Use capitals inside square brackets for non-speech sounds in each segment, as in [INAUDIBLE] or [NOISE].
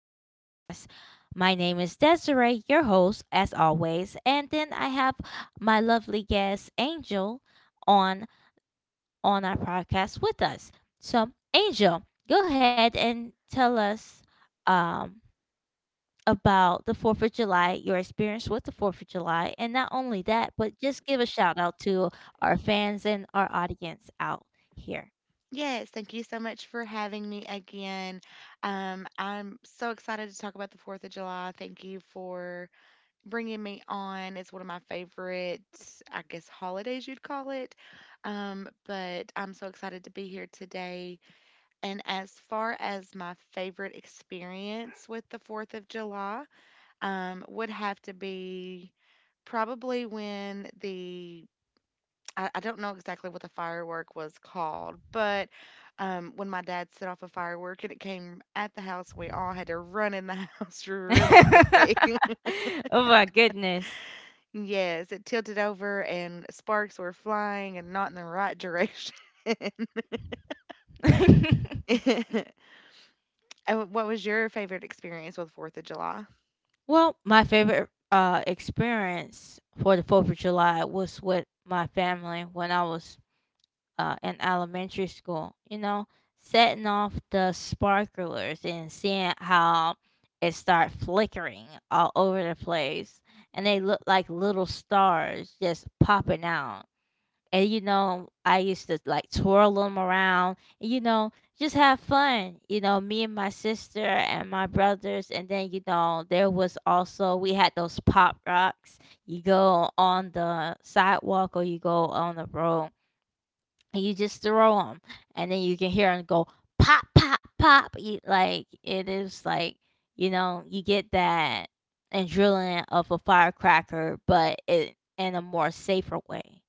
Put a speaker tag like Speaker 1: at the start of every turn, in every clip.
Speaker 1: Broadcast. My name is Desiree, your host, as always, and then I have my lovely guest Angel on on our podcast with us. So, Angel, go ahead and tell us um, about the Fourth of July, your experience with the Fourth of July, and not only that, but just give a shout out to our fans and our audience out here.
Speaker 2: Yes, thank you so much for having me again. I'm so excited to talk about the 4th of July. Thank you for bringing me on. It's one of my favorite, I guess, holidays you'd call it. But I'm so excited to be here today. And as far as my favorite experience with the 4th of July, would have to be probably when I don't know exactly what the firework was called, but when my dad set off a firework and it came at the house, we all had to run in the [LAUGHS] house really
Speaker 1: [LAUGHS]
Speaker 2: quickly. [LAUGHS]
Speaker 1: Oh my goodness.
Speaker 2: Yes, it tilted over and sparks were flying and not in the right direction.
Speaker 1: [LAUGHS]
Speaker 2: [LAUGHS] And what was your favorite experience with Fourth of July?
Speaker 1: Well, my favorite experience for the 4th of July was with my family when I was in elementary school. You know, setting off the sparklers and seeing how it start flickering all over the place. And they look like little stars just popping out. And you know, I used to like twirl them around, and you know, just have fun, you know, me and my sister and my brothers. And then you know, there was also, we had those pop rocks. You go on the sidewalk or you go on the road and you just throw them, and then you can hear them go pop, pop, pop. You, like, it is like, you know, you get that adrenaline of a firecracker, but it in a more safer way.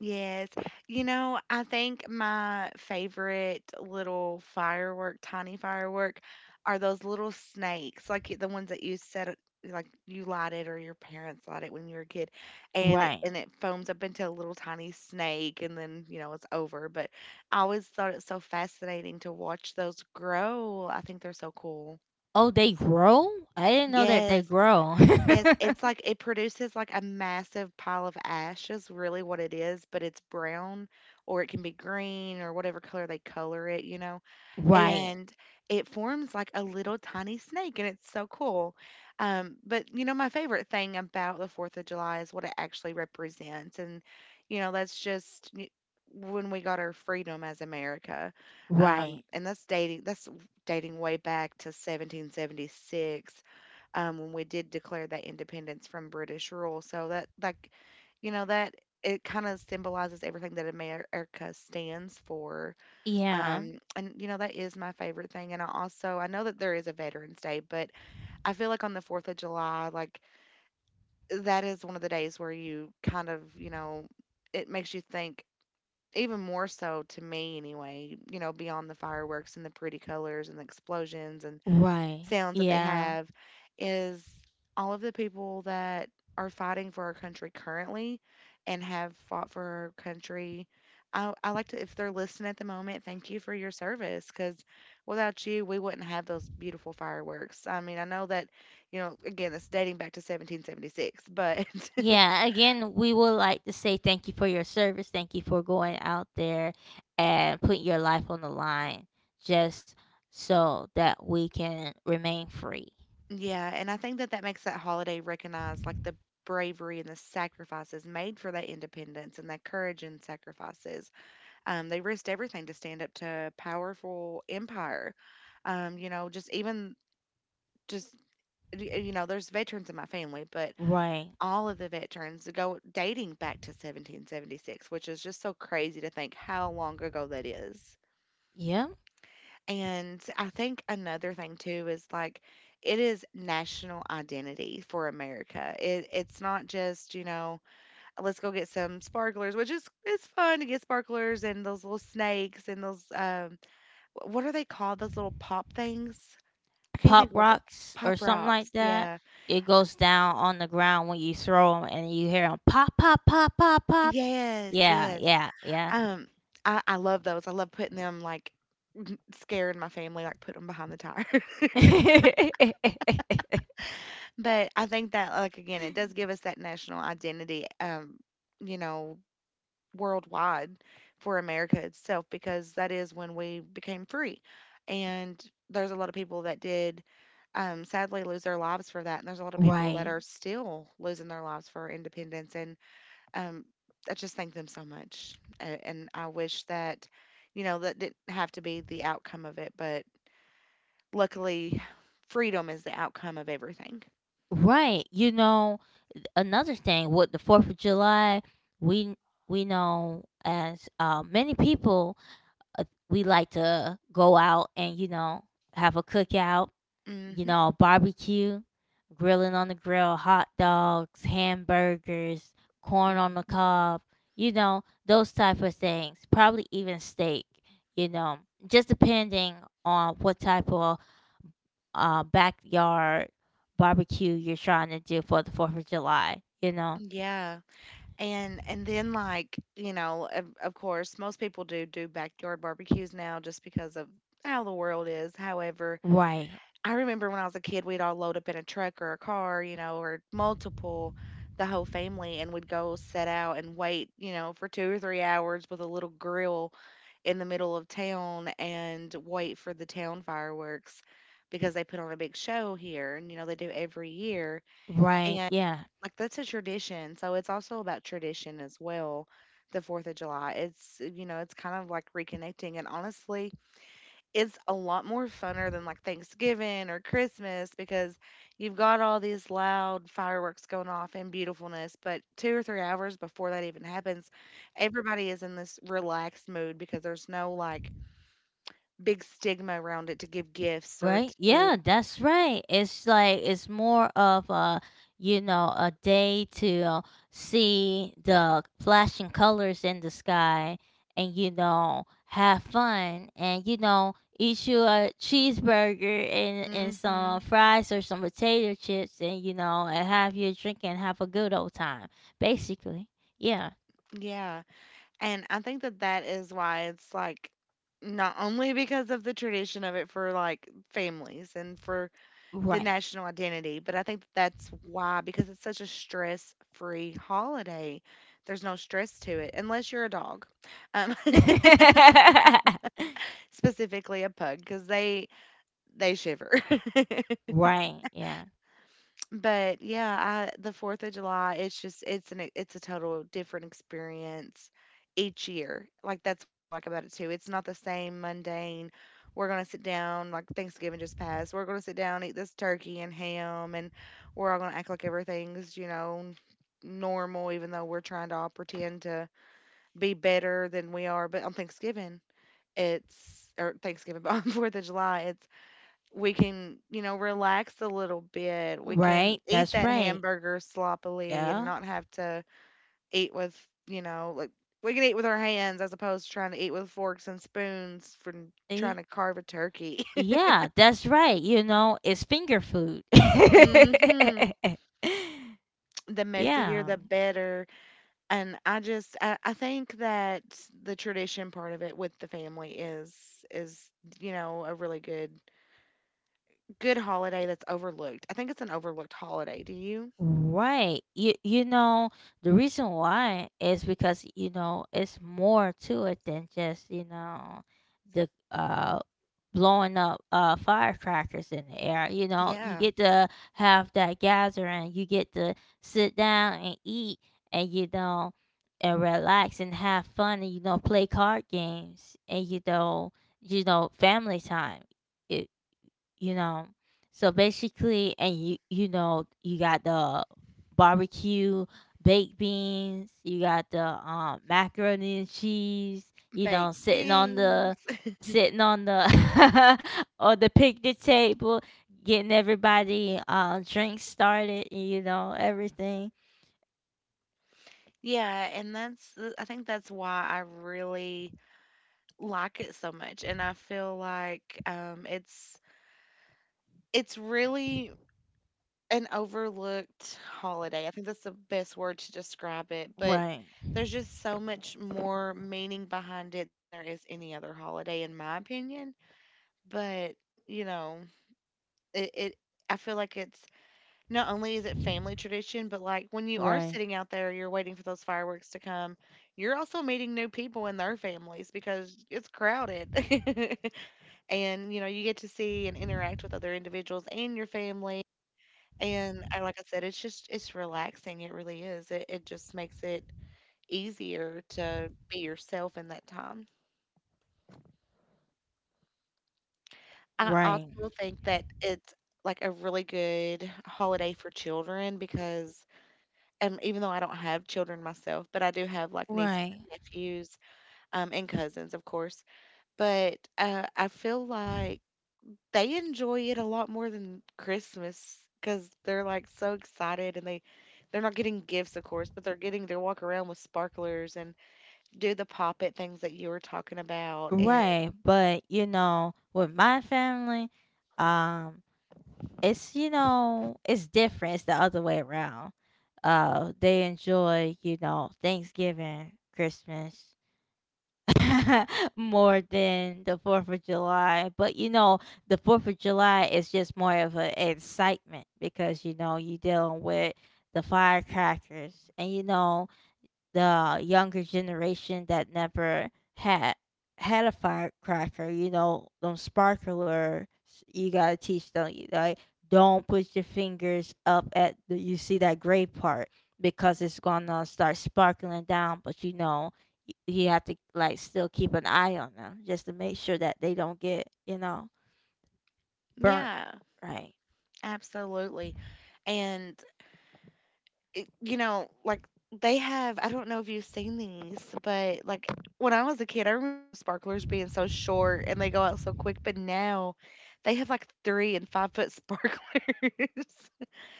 Speaker 2: Yes. You know, I think my favorite little firework, tiny firework, are those little snakes, like the ones that you set, like you light it or your parents light it when you were a kid, and it and
Speaker 1: Right.
Speaker 2: it foams up into a little tiny snake, and then you know it's over. But I always thought it's so fascinating to watch those grow. I think they're so cool.
Speaker 1: Oh, they grow? I didn't know that they
Speaker 2: Yes.
Speaker 1: grow.
Speaker 2: Yes, it's
Speaker 1: [LAUGHS]
Speaker 2: like it produces like a massive pile of ash is really what it is, but it's brown or it can be green or whatever color they color it, you know.
Speaker 1: Right.
Speaker 2: And it forms like a little tiny snake and it's so cool. But you know, my favorite thing about the 4th of July is what it actually represents. And you know, that's just when we got our freedom as America.
Speaker 1: Right.
Speaker 2: And that's dating way back to 1776, when we did declare that independence from British rule. So that, like, you know, that it kind of symbolizes everything that America stands for.
Speaker 1: Yeah.
Speaker 2: And, you know, that is my favorite thing. And I also, I know that there is a Veterans Day, but I feel like on the 4th of July, like, that is one of the days where you kind of, you know, it makes you think even more so to me anyway, you know, beyond the fireworks and the pretty colors and the explosions and
Speaker 1: Right.
Speaker 2: sounds that they
Speaker 1: Yeah.
Speaker 2: have is all of the people that are fighting for our country currently and have fought for our country. I like to, if they're listening at the moment, thank you for your service because without you, we wouldn't have those beautiful fireworks. I mean, I know that, you know, again, it's dating back to 1776, but
Speaker 1: Yeah. Again, we would like to say thank you for your service. Thank you for going out there and putting your life on the line just so that we can remain free.
Speaker 2: [LAUGHS] yeah, and I think that that makes that holiday recognize like the bravery and the sacrifices made for that independence and that courage and sacrifices. They risked everything to stand up to powerful empire. You know, just even just y- you know, there's veterans in my family, but
Speaker 1: Right.
Speaker 2: all of the veterans go dating back to 1776, which is just so crazy to think how long ago that is.
Speaker 1: Yeah.
Speaker 2: And I think another thing too is like it is national identity for America. It's not just, you know, let's go get some sparklers, which is it's fun to get sparklers and those little snakes and those wh what are they called? Those little pop things? I can't
Speaker 1: Pop
Speaker 2: think of what the.
Speaker 1: rocks or
Speaker 2: Pop
Speaker 1: something
Speaker 2: rocks.
Speaker 1: like that.
Speaker 2: Yeah.
Speaker 1: It goes down on the ground when you throw them and you hear them pop, pop, pop, pop, pop.
Speaker 2: Yes,
Speaker 1: Yeah.
Speaker 2: yes.
Speaker 1: Yeah. Yeah.
Speaker 2: Um, I love those. I love putting them like scaring my family, like put them behind the tire. [LAUGHS]
Speaker 1: [LAUGHS]
Speaker 2: But I think that like again, it does give us that national identity. You know, worldwide for America itself because that is when we became free. And there's a lot of people that did sadly lose their lives for that. And there's a lot of people that
Speaker 1: Right.
Speaker 2: are still losing their lives for independence. And um, I just thank them so much. And I wish that, you know, that didn't have to be the outcome of it. But luckily, freedom is the outcome of everything.
Speaker 1: Right. You know, another thing with the 4th of July, we we know as many people, we like to go out, and you know, have a cookout, you
Speaker 2: hmm
Speaker 1: know, barbecue, grilling on the grill, hot dogs, hamburgers, corn on the
Speaker 2: hmm
Speaker 1: cob, you know, those type of things. Probably even steak, you know, just depending on what type of backyard barbecue you're trying to do for the Fourth of July. You know,
Speaker 2: Yeah. Like, you know, of course, most people do do backyard barbecues now just because of how the world is. However,
Speaker 1: right,
Speaker 2: I remember when I was a kid, we'd all load up in a truck or a car, you know, or multiple, the whole family, and we'd go set out and wait, you know, for 2 or 3 hours with a little grill in the middle of town and wait for the town fireworks because they put on a big show here and, you know, they do every year
Speaker 1: right, yeah.
Speaker 2: like that's a tradition. So it's also about tradition as well. The 4th of July. It's, you know, it's kind of like reconnecting. And honestly, it's a lot more funner than like Thanksgiving or Christmas because you've got all these loud fireworks going off and beautifulness. But 2 or 3 hours before that even happens, everybody is in this relaxed mood because there's no like big stigma around it to give gifts or
Speaker 1: Right?
Speaker 2: to.
Speaker 1: Yeah, that's right. It's like, it's more of a, you know, a day to see the flashing colors in the sky, and you know, have fun, and you know, eat you a cheeseburger and some
Speaker 2: hmm
Speaker 1: fries or some potato chips, and you know, and have your drink and have a good old time. Basically, yeah,
Speaker 2: Yeah. And I think that that is why it's like not only because of the tradition of it for like families and for
Speaker 1: right.
Speaker 2: the national identity, but I think that that's why because it's such a stress-free holiday. There's no stress to it unless you're a dog, um,
Speaker 1: [LAUGHS]
Speaker 2: [LAUGHS] specifically a pug, because they shiver.
Speaker 1: Right. Yeah.
Speaker 2: But yeah, I the 4th of July, it's just it's a total different experience each year. Like that's what I like about it too. It's not the same mundane. We're gonna sit down, like Thanksgiving just passed. We're gonna sit down, eat this turkey and ham, and we're all gonna act like everything's, you know, normal, even though we're trying to all pretend to be better than we are. But on Thanksgiving, it's or Thanksgiving, but on [LAUGHS] Fourth of July, it's. We can, you know, relax a little bit. We can
Speaker 1: Right.
Speaker 2: eat
Speaker 1: That's
Speaker 2: that
Speaker 1: right.
Speaker 2: hamburger sloppily and
Speaker 1: Yeah.
Speaker 2: not have to eat with, you know, like we can eat with our hands as opposed to trying to eat with forks and spoons from
Speaker 1: Yeah.
Speaker 2: trying to carve a turkey.
Speaker 1: Yeah, that's right. You know, it's finger food. [LAUGHS]
Speaker 2: [LAUGHS] hmm The messier,
Speaker 1: Yeah.
Speaker 2: the better. And I think that the tradition part of it with the family is, you know, a really good holiday that's overlooked. I think it's an overlooked holiday. Do you?
Speaker 1: Right. You know, the reason why is because, you know, it's more to it than just, you know, the blowing up firecrackers in the air. You know, you
Speaker 2: Yeah.
Speaker 1: get to have that gathering, you get to sit down and eat, and you know, and relax and have fun, and you know, play card games, and you know, you know, family time, you know. So basically, and you know, you got the barbecue, baked beans, you got the macaroni and cheese, you know,
Speaker 2: Baked
Speaker 1: sitting on the
Speaker 2: beans.
Speaker 1: sitting on the [LAUGHS] or the picnic table, getting everybody drinks started, you know, everything.
Speaker 2: Yeah, and that's I think that's why I really like it so much, and I feel like it's really an overlooked holiday. I think that's the best word to describe it, but
Speaker 1: Right.
Speaker 2: there's just so much more meaning behind it than there is any other holiday, in my opinion. But you know, it I feel like it's. Not only is it family tradition, but like when you are
Speaker 1: Right.
Speaker 2: sitting out there, you're waiting for those fireworks to come, you're also meeting new people and their families because it's crowded. [LAUGHS] And, you know, you get to see and interact with other individuals and your family. And like I said, it's just, it's relaxing. It really is. It just makes it easier to be yourself in that time. I
Speaker 1: Right.
Speaker 2: also think that it's like a really good holiday for children because even though I don't have children myself, but I do have like nieces
Speaker 1: Right.
Speaker 2: and nephews, and cousins, of course. But I feel like they enjoy it a lot more than Christmas because they're like so excited and they're not getting gifts, of course, but they're getting to walk around with sparklers and do the pop it things that you were talking about. And
Speaker 1: Right. But you know, with my family, um it's, you know, it's different, it's the other way around. They enjoy, you know, Thanksgiving, Christmas [LAUGHS] more than the Fourth of July. But you know, the Fourth of July is just more of an excitement because, you know, you dealing with the firecrackers, and you know, the younger generation that never had had a firecracker. You know, them sparklers, you gotta teach them. You, like, don't put your fingers up at the, you see that gray part because it's gonna start sparkling down. But you know, you have to like still keep an eye on them just to make sure that they don't get, you know, burnt.
Speaker 2: yeah,
Speaker 1: Right.
Speaker 2: absolutely. And you know, like they have, I don't know if you've seen these, but like when I was a kid, I remember the sparklers being so short and they go out so quick, but now they have like 3 and 5 foot sparklers.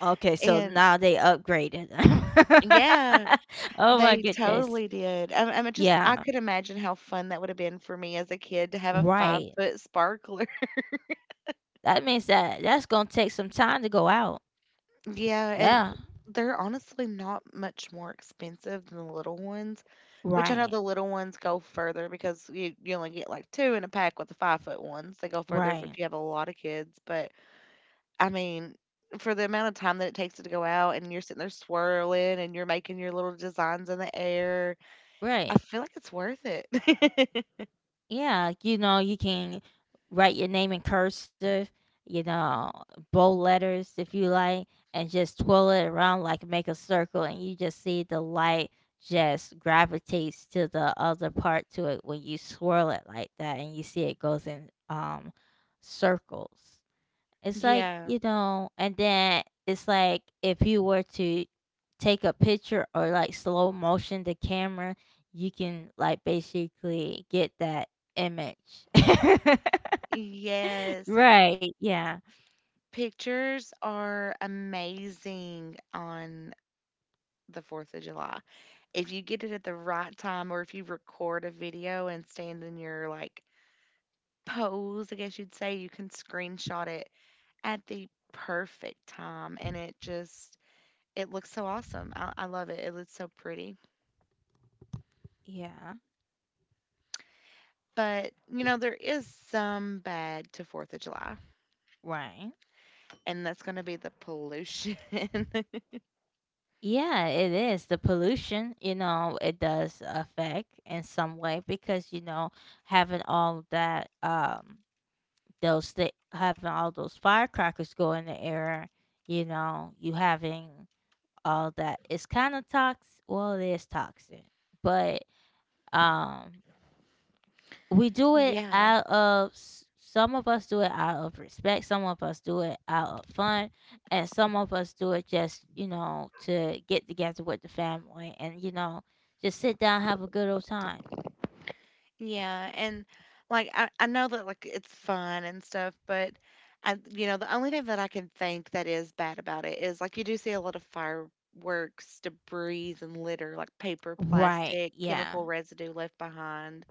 Speaker 1: Okay, so
Speaker 2: And
Speaker 1: now they upgraded.
Speaker 2: yeah,
Speaker 1: [LAUGHS] Oh my
Speaker 2: they
Speaker 1: goodness.
Speaker 2: totally did. I mean, just, I
Speaker 1: Yeah,
Speaker 2: could imagine how fun that would have been for me as a kid to have a five
Speaker 1: right.
Speaker 2: foot sparkler.
Speaker 1: That means that that's gonna take some time to go out.
Speaker 2: Yeah, and
Speaker 1: Yeah.
Speaker 2: they're honestly not much more expensive than the little ones, which I know
Speaker 1: Right.
Speaker 2: the little ones go further because you only get like two in a pack with the 5 foot ones. They go further if,
Speaker 1: Right.
Speaker 2: if you have a lot of kids. But I mean, for the amount of time that it takes to go out and you're sitting there swirling and you're making your little designs in the air, I
Speaker 1: Right.
Speaker 2: feel like it's worth it. [LAUGHS]
Speaker 1: Yeah. You know, you can write your name in cursive, you know, bold letters if you like, and just twirl it around, like, make a circle, and you just see the light just gravitates to the other part to it when you swirl it like that, and you see it goes in circles. It's like,
Speaker 2: Yeah.
Speaker 1: you know, and then it's like if you were to take a picture or like slow motion the camera, you can, like, basically get that image. [LAUGHS]
Speaker 2: Yes.
Speaker 1: Right. Yeah.
Speaker 2: Pictures are amazing on the 4th of July. If you get it at the right time or if you record a video and stand in your like pose, I guess you'd say, you can screenshot it at the perfect time and it just it looks so awesome. I love it. It looks so pretty.
Speaker 1: Yeah.
Speaker 2: But you know, there is some bad to 4th of July,
Speaker 1: Right.
Speaker 2: and that's going to be the pollution.
Speaker 1: Yeah, it is. The pollution, you know, it does affect in some way because, you know, having all of that, having all those firecrackers go in the air, you know, you having all that is kind of toxic. Well, it is toxic, but um, we do
Speaker 2: [LAUGHS]
Speaker 1: it
Speaker 2: yeah.
Speaker 1: out of some of us do it out of respect, some of us do it out of fun, and some of us do it just, you know, to get together with the family, and you know, just sit down, have a good old time.
Speaker 2: Yeah, and like I know that it's fun and stuff, but I the only thing that I can think that is bad about it is like you do see a lot of fireworks, debris and litter, like paper,
Speaker 1: Right?
Speaker 2: plastic,
Speaker 1: Yeah.
Speaker 2: chemical residue left behind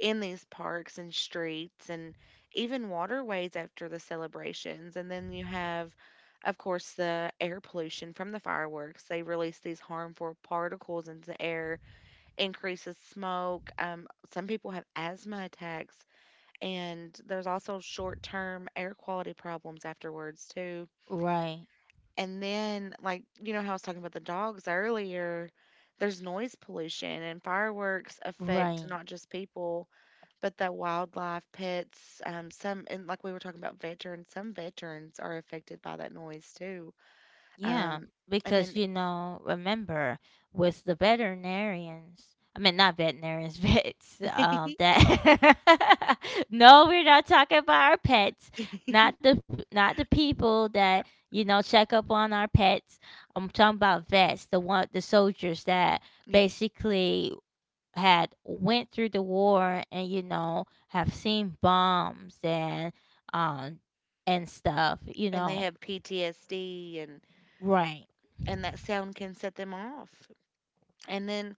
Speaker 2: in these parks and streets and even waterways after the celebrations. And then you have, of course, the air pollution from the fireworks. They release these harmful particles into the air increases smoke. Some people have asthma attacks, and there's also short term air quality problems afterwards, too.
Speaker 1: Right.
Speaker 2: And then, you know how I was talking about the dogs earlier, there's noise pollution, and fireworks affect
Speaker 1: Right.
Speaker 2: not just people, but the wildlife, pets. Some, and Like we were talking about veterans, some veterans are affected by that noise, too.
Speaker 1: Yeah,
Speaker 2: Um, and
Speaker 1: because
Speaker 2: then,
Speaker 1: you know, remember, with the veterinarians, I mean, not veterinarians, [LAUGHS] vets,
Speaker 2: [LAUGHS]
Speaker 1: that [LAUGHS] No, we're not talking about our pets. Not the people that, you know, check up on our pets. I'm talking about vets, the soldiers that
Speaker 2: yeah,
Speaker 1: basically had went through the war, and you know, have seen bombs um and stuff, you
Speaker 2: and they
Speaker 1: know.
Speaker 2: have PTSD and
Speaker 1: Right.
Speaker 2: that sound can set them off. And then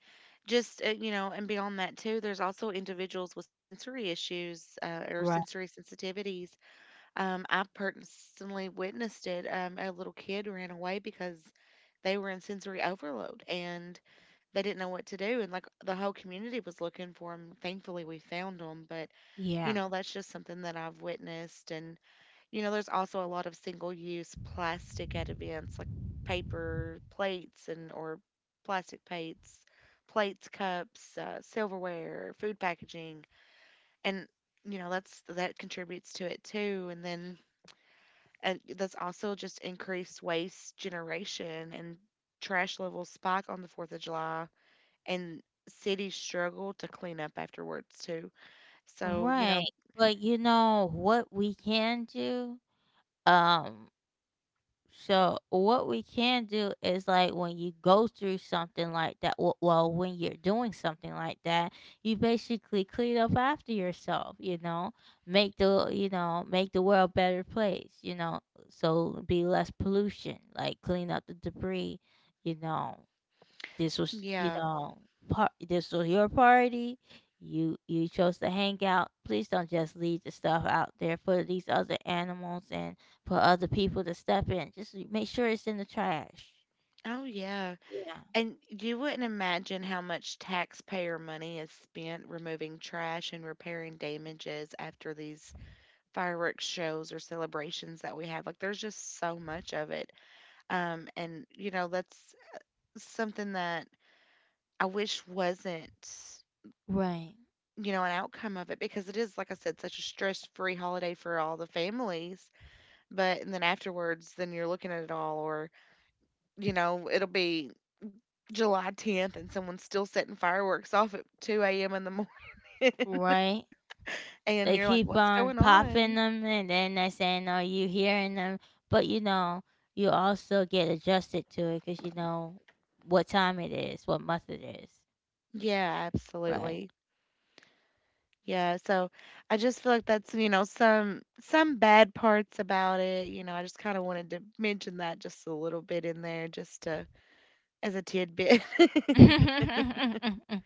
Speaker 2: you know, and beyond that too, there's also individuals with sensory issues or
Speaker 1: Right.
Speaker 2: sensory sensitivities. I personally witnessed it. A little kid ran away because they were in sensory overload and they didn't know what to do. And like the whole community was looking for them. Thankfully, we found them. But, you
Speaker 1: Yeah.
Speaker 2: know, that's just something that I've witnessed. And you know, there's also a lot of single use plastic at events like paper plates and or plastic plates, plates, cups, silverware, food packaging. And you know, that contributes to it too. And then that's also just increased waste generation and trash levels spike on the 4th of July and cities struggle to clean up afterwards too. So, you
Speaker 1: Right.
Speaker 2: know,
Speaker 1: But you know what we can do? Um, so what we can do is, like, when you go through something like that, well, when you're doing something like that, you basically clean up after yourself, you know, make the, you know, make the world a better place, you know, so be less pollution, like clean up the debris, you know. This was, you
Speaker 2: yeah.
Speaker 1: know, this was your party. You chose to hang out. Please don't just leave the stuff out there for these other animals and for other people to step in. Just make sure it's in the trash.
Speaker 2: Oh yeah.
Speaker 1: Yeah.
Speaker 2: And you wouldn't imagine how much taxpayer money is spent removing trash and repairing damages after these fireworks shows or celebrations that we have. Like, there's just so much of it. And, you know, that's something that I wish wasn't,
Speaker 1: Right.
Speaker 2: you know, an outcome of it because it is, like I said, such a stress free holiday for all the families. But, and then afterwards, then you're looking at it all, or, you know, it'll be July 10th and someone's still setting fireworks off at 2 a.m. in the [LAUGHS] [LAUGHS]
Speaker 1: Right.
Speaker 2: and
Speaker 1: They
Speaker 2: you're like,
Speaker 1: keep
Speaker 2: what's going
Speaker 1: on popping
Speaker 2: on?
Speaker 1: them and then they're saying, "Are you hearing them?" But you know, you also get adjusted to it because you know what time it is, what month it is.
Speaker 2: Yeah,
Speaker 1: Right.
Speaker 2: absolutely. Yeah, so I just feel like that's, you know, some bad parts about it. You know, I just kind of wanted to mention that just a little bit in there just to as a tidbit. [LAUGHS]
Speaker 1: [LAUGHS]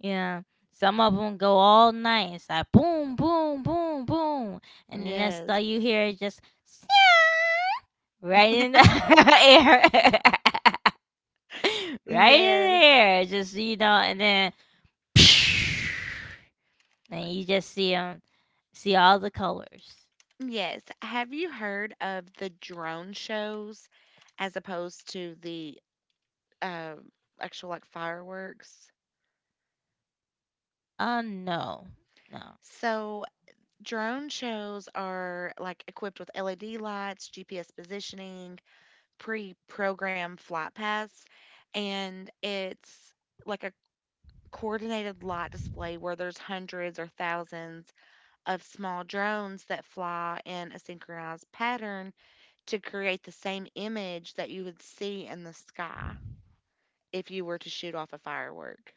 Speaker 1: Yeah. Some of them go all night. It's like boom, boom, boom, boom, and then that's all
Speaker 2: Yes.
Speaker 1: you hear is just [LAUGHS] right in the [LAUGHS] air, [LAUGHS] right in the
Speaker 2: Yes.
Speaker 1: air. Just you know, and then [LAUGHS] [TSK] and you just see them, see all the colors.
Speaker 2: Yes. Have you heard of the drone shows as opposed to the um actual fireworks?
Speaker 1: Oh no, no.
Speaker 2: So drone shows are like equipped with LED lights, GPS positioning, pre-programmed flight paths, and it's like a coordinated light display where there's hundreds or thousands of small drones that fly in a synchronized pattern to create the same image that you would see in the sky if you were to shoot off a firework.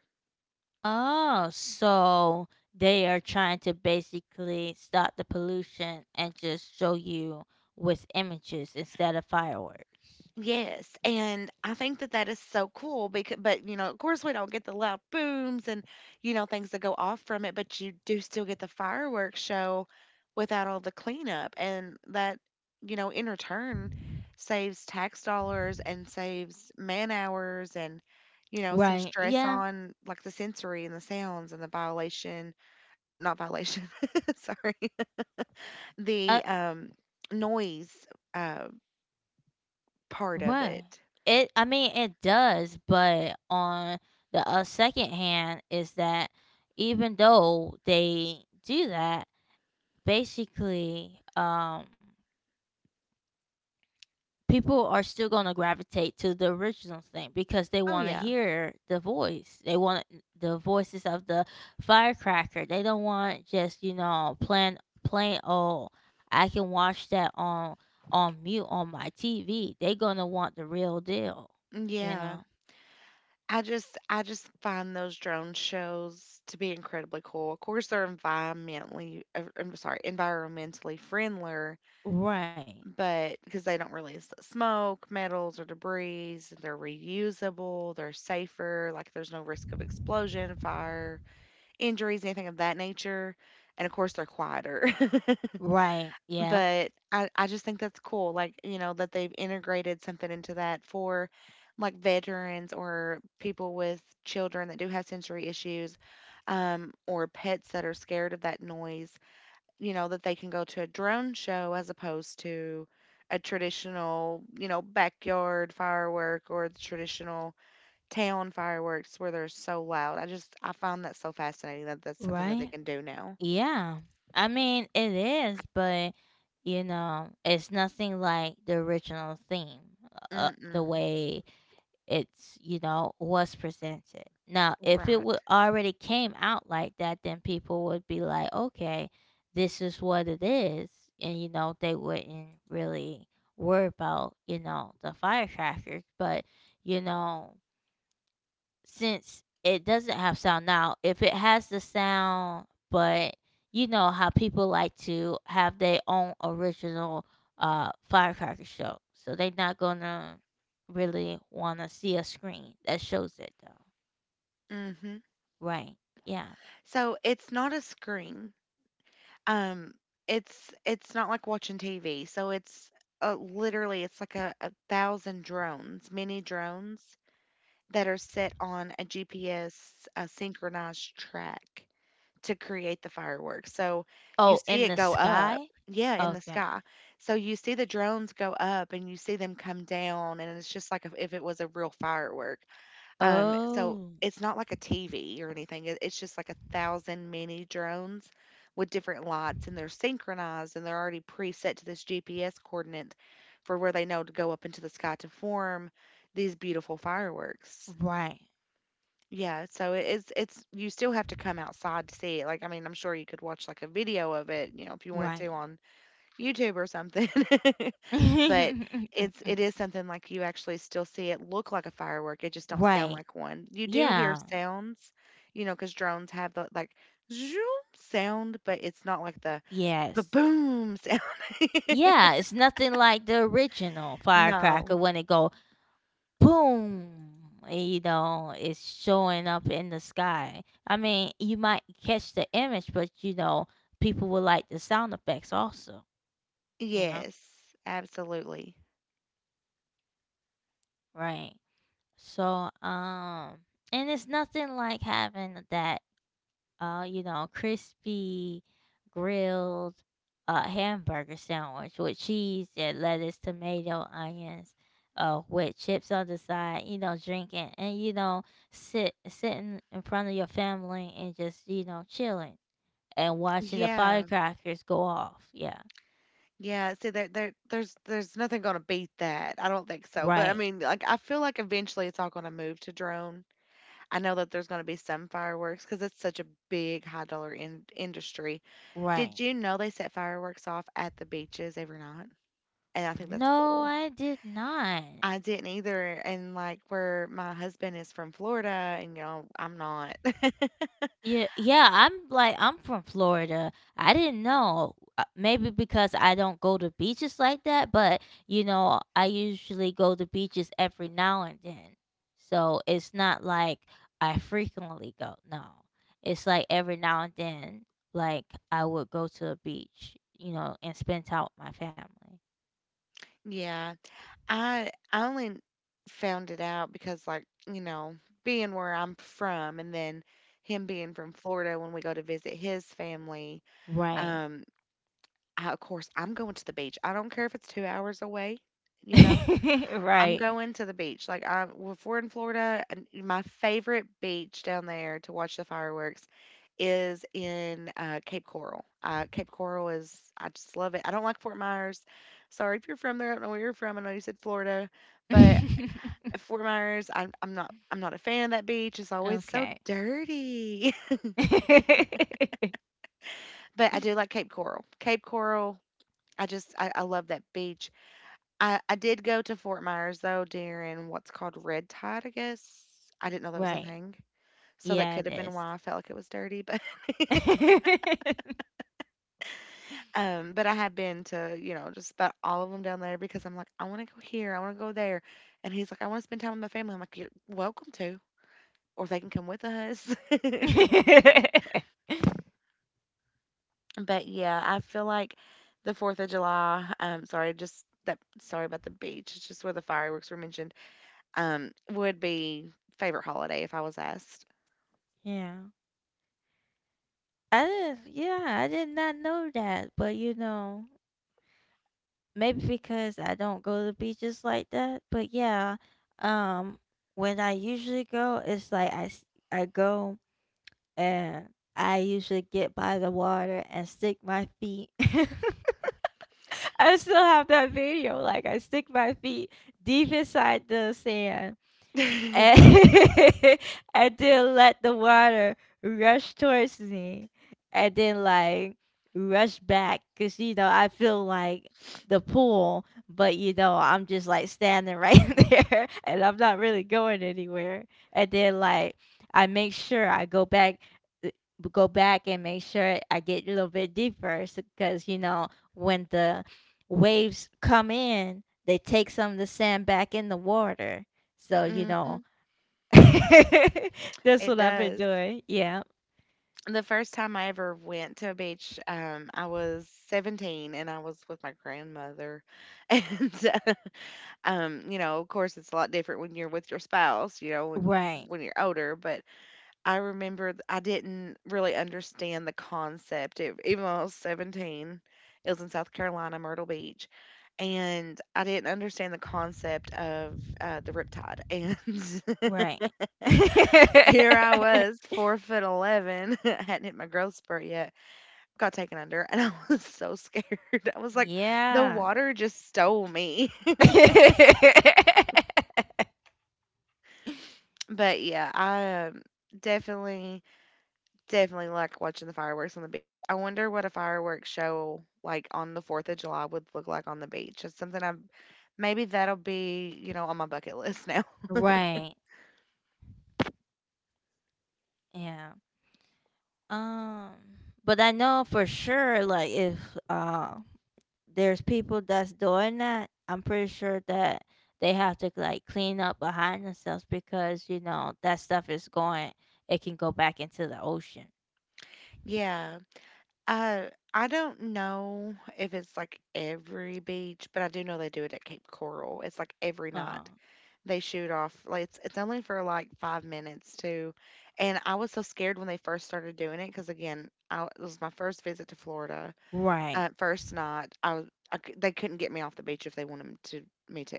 Speaker 1: Oh, so they are trying to basically stop the pollution and just show you with images instead of fireworks.
Speaker 2: Yes, and I think that that is so cool because, but you know, of course, we don't get the loud booms and you know things that go off from it, but you do still get the fireworks show without all the cleanup, and that you know in return saves tax dollars and saves man hours and you know some
Speaker 1: Right.
Speaker 2: stress
Speaker 1: Yeah,
Speaker 2: on like the sensory and the sounds and the violation, not violation, [LAUGHS] sorry,
Speaker 1: uh,
Speaker 2: the noise uh part of
Speaker 1: what?
Speaker 2: it.
Speaker 1: It. I mean, it does, but on the second hand, is that even though they do that, basically, People are still going to gravitate to the original thing because they
Speaker 2: Oh
Speaker 1: want to
Speaker 2: yeah.
Speaker 1: hear the voice. They want the voices of the firecracker. They don't want just, you know, plain old. I can watch that on mute on my TV. They're gonna want the real deal, you know.
Speaker 2: Yeah. I just find those drone shows to be incredibly cool. Of course, they're environmentally friendlier,
Speaker 1: Right.
Speaker 2: but because they don't release the smoke, metals, or debris, they're reusable, they're safer, like there's no risk of explosion, fire, injuries, anything of that nature. And of course, they're quieter. [LAUGHS]
Speaker 1: Right. Yeah.
Speaker 2: But I just think that's cool, like, you know, that they've integrated something into that for, like, veterans or people with children that do have sensory issues, or pets that are scared of that noise, you know, that they can go to a drone show as opposed to a traditional, you know, backyard firework or the traditional town fireworks where they're so loud. I find that so fascinating that that's something that they
Speaker 1: Right.
Speaker 2: can do now.
Speaker 1: Yeah. I mean, it is, but you know, it's nothing like the original theme. The
Speaker 2: Mm-mm.
Speaker 1: way it's, you know, was presented now, if it
Speaker 2: Right.
Speaker 1: would already came out like that, then people would be like, okay, this is what it is, and you know, they wouldn't really worry about, you know, the firecrackers. But you know, since it doesn't have sound now, if it has the sound, but you know how people like to have their own original firecracker show. So they're not gonna really wanna see a screen that shows it though.
Speaker 2: Mhm.
Speaker 1: Right. Yeah.
Speaker 2: So it's not a screen. Um, it's not like watching TV. So it's literally it's like a thousand drones, mini drones that are set on a GPS synchronized track to create the fireworks. So you
Speaker 1: Oh,
Speaker 2: see
Speaker 1: in
Speaker 2: it
Speaker 1: the
Speaker 2: go up,
Speaker 1: sky?
Speaker 2: yeah, in the sky.
Speaker 1: Okay.
Speaker 2: So you see the drones go up and you see them come down, and it's just like if it was a real firework. So
Speaker 1: Oh,
Speaker 2: it's not like a TV or anything. It's just like a thousand mini drones with different lights, and they're synchronized and they're already preset to this GPS coordinate for where they know to go up into the sky to form these beautiful fireworks.
Speaker 1: right.
Speaker 2: Yeah, so it's you still have to come outside to see it. Like I mean, I'm sure you could watch like a video of it, you know, if you wanted to
Speaker 1: Right.
Speaker 2: on YouTube or something. [LAUGHS] But
Speaker 1: [LAUGHS]
Speaker 2: it is something like you actually still see it look like a firework, it just don't sound
Speaker 1: Right.
Speaker 2: like one. You do hear
Speaker 1: Yeah.
Speaker 2: sounds, you know, because drones have the, like, zoom sound, but it's not like the
Speaker 1: Yes.
Speaker 2: ba-boom sound. [LAUGHS]
Speaker 1: Yeah, it's nothing like the original firecracker
Speaker 2: No.
Speaker 1: when it go boom, eh, you know, it's showing up in the sky. I mean, you might catch the image, but you know, people will like the sound effects also, you know?
Speaker 2: Yes, absolutely.
Speaker 1: Right. So, and it's nothing like having that you know, crispy grilled hamburger sandwich with cheese and lettuce, tomato, onions, with chips on the side, you know, drinking, and you know, sitting in front of your family, and just, you know, chilling and watching the
Speaker 2: Yeah.
Speaker 1: firecrackers go off. Yeah.
Speaker 2: Yeah, see, there's nothing gonna beat that, I don't think so, but, I
Speaker 1: Right.
Speaker 2: mean, like, I feel like eventually it's all gonna move to drone. I know that there's gonna be some fireworks because it's such a big high dollar in industry. Did
Speaker 1: Right.
Speaker 2: you know they set fireworks off at the beaches every night? And I think that's
Speaker 1: No,
Speaker 2: cool.
Speaker 1: I did not.
Speaker 2: I didn't either. And like where my husband is from Florida and you know, I'm not. [LAUGHS]
Speaker 1: Yeah, yeah, I'm like, I'm from Florida. I didn't know. Maybe because I don't go to beaches like that, but you know, I usually go to beaches every now and then. So it's not like I frequently go. No. It's like every now and then, like, I would go to a beach, you know, and spend time with my family.
Speaker 2: Yeah. I only found it out because like, you know, being where I'm from and then him being from Florida when we go to visit his family,
Speaker 1: Right.
Speaker 2: um, I, of course I'm going to the beach. I don't care if it's 2 hours away, you know. I'm
Speaker 1: [LAUGHS] Right.
Speaker 2: going to the beach. Like I If we're in Florida, and my favorite beach down there to watch the fireworks is in Cape Coral. Cape Coral is I just love it. I don't like Fort Myers. Sorry if you're from there. I don't know where you're from. I know you said Florida, but
Speaker 1: [LAUGHS]
Speaker 2: Fort Myers, I'm not a fan of that beach. It's always so
Speaker 1: Okay.
Speaker 2: dirty. [LAUGHS]
Speaker 1: [LAUGHS]
Speaker 2: But I do like Cape Coral. Cape Coral, I love that beach. I did go to Fort Myers though during what's called Red Tide, I guess. I didn't know that was a
Speaker 1: Right.
Speaker 2: thing. So that
Speaker 1: Yeah,
Speaker 2: could
Speaker 1: it
Speaker 2: have been
Speaker 1: is.
Speaker 2: why I felt like it was dirty, but
Speaker 1: [LAUGHS] Yeah.
Speaker 2: [LAUGHS] but I have been to, you know, just about all of them down there because I'm like, I want to go here, I want to go there. And he's like, I want to spend time with my family. I'm like, you're welcome to or they can come with us. [LAUGHS] But yeah, I feel like the 4th of July, sorry, just that sorry about the beach. It's just where the fireworks were mentioned. Would be favorite holiday if I was asked.
Speaker 1: I did, yeah, I did not know that, but you know, maybe because I don't go to beaches like that, but yeah, um when I usually go, it's like, I go, and I usually get by the water and stick my feet. [LAUGHS] I still have that video. Like, I stick my feet deep inside the sand,
Speaker 2: [LAUGHS]
Speaker 1: and [LAUGHS] and then let the water rush towards me and then like rush back because you know I feel like the pool. But you know, I'm just like standing right [LAUGHS] there, and I'm not really going anywhere. And then, like, I make sure I go back, uh, and make sure I get a little bit deeper because you know when the waves come in, they take some of the sand back in the water. So you
Speaker 2: Hmm.
Speaker 1: know [LAUGHS] that's
Speaker 2: It
Speaker 1: what I've been
Speaker 2: does.
Speaker 1: doing. Yeah.
Speaker 2: The first time I ever went to a beach, I was 17 and I was with my grandmother. [LAUGHS] And, uh, you know, of course, it's a lot different when you're with your spouse, you know,
Speaker 1: Right.
Speaker 2: when you're older. But I remember I didn't really understand the concept. It, even though I was 17, it was in South Carolina, Myrtle Beach. And I didn't understand the concept of the riptide. And [LAUGHS]
Speaker 1: Right. [LAUGHS]
Speaker 2: here I was, 4 foot 11. [LAUGHS] I hadn't hit my growth spurt yet. Got taken under, and [LAUGHS] I was so scared. [LAUGHS] I was like, the
Speaker 1: Yeah.
Speaker 2: water just stole me. [LAUGHS]
Speaker 1: [LAUGHS]
Speaker 2: But yeah, I definitely, definitely like watching the fireworks on the beach. I wonder what a fireworks show like on the 4th of July would look like on the beach. Maybe that'll be, you know, on my bucket list now. [LAUGHS]
Speaker 1: Right. Yeah. Um, but I know for sure, like if uh there's people that's doing that, I'm pretty sure that they have to like clean up behind themselves because you know that stuff is going. It can go back into the ocean.
Speaker 2: Yeah. Uh, I don't know if it's like every beach, but I do know they do it at Cape Coral. It's like every night
Speaker 1: Um,
Speaker 2: they shoot off. Like it's only for like 5 minutes too, and I was so scared when they first started doing it because again, I, it was my first visit to Florida.
Speaker 1: right.
Speaker 2: First night, I was I, cou- they couldn't get me off the beach if they wanted me to.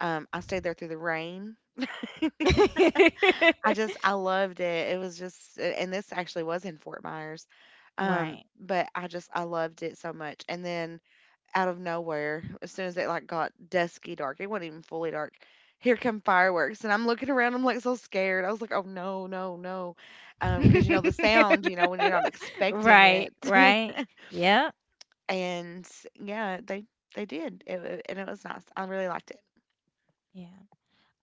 Speaker 2: I stayed there through the rain. I just
Speaker 1: [LAUGHS]
Speaker 2: I loved it. It was just and this actually was in Fort Myers.
Speaker 1: Right.
Speaker 2: But I just I loved it so much. And then out of nowhere, as soon as it like got dusky dark, it wasn't even fully dark. Here come fireworks, and I'm looking around. I'm like so scared. I was like, "Oh no, no, no," because you know the
Speaker 1: [LAUGHS]
Speaker 2: sound. You know when you're not expecting
Speaker 1: Right,
Speaker 2: it,
Speaker 1: right.
Speaker 2: [LAUGHS]
Speaker 1: Yep.
Speaker 2: and yeah, they did, it- and it was nice. I really liked it.
Speaker 1: Yeah.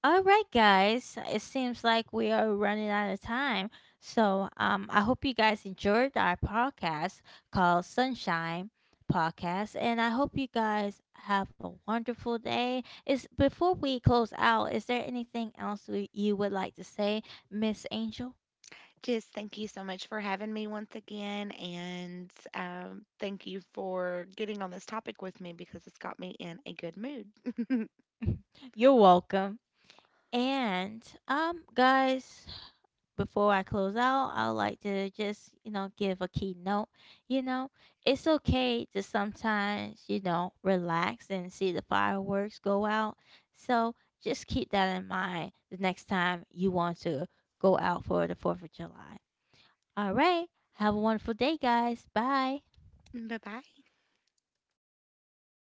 Speaker 1: All right, guys. It seems like we are running out of time. So I hope you guys enjoyed our podcast called Sunshine Podcast, and I hope you guys have a wonderful day. Is before we close out, is there anything else you would like to say, Miss Angel?
Speaker 2: Just thank you so much for having me once again, and thank you for getting on this topic with me because it's got me in a good mood.
Speaker 1: [LAUGHS] You're welcome. And guys, before I close out, I would like to just, you know, give a keynote. You know, it's okay to sometimes, you know, relax and see the fireworks go out. So just keep that in mind the next time you want to go out for the 4th of July. All right. Have a wonderful day, guys. Bye.
Speaker 2: [LAUGHS] Bye bye.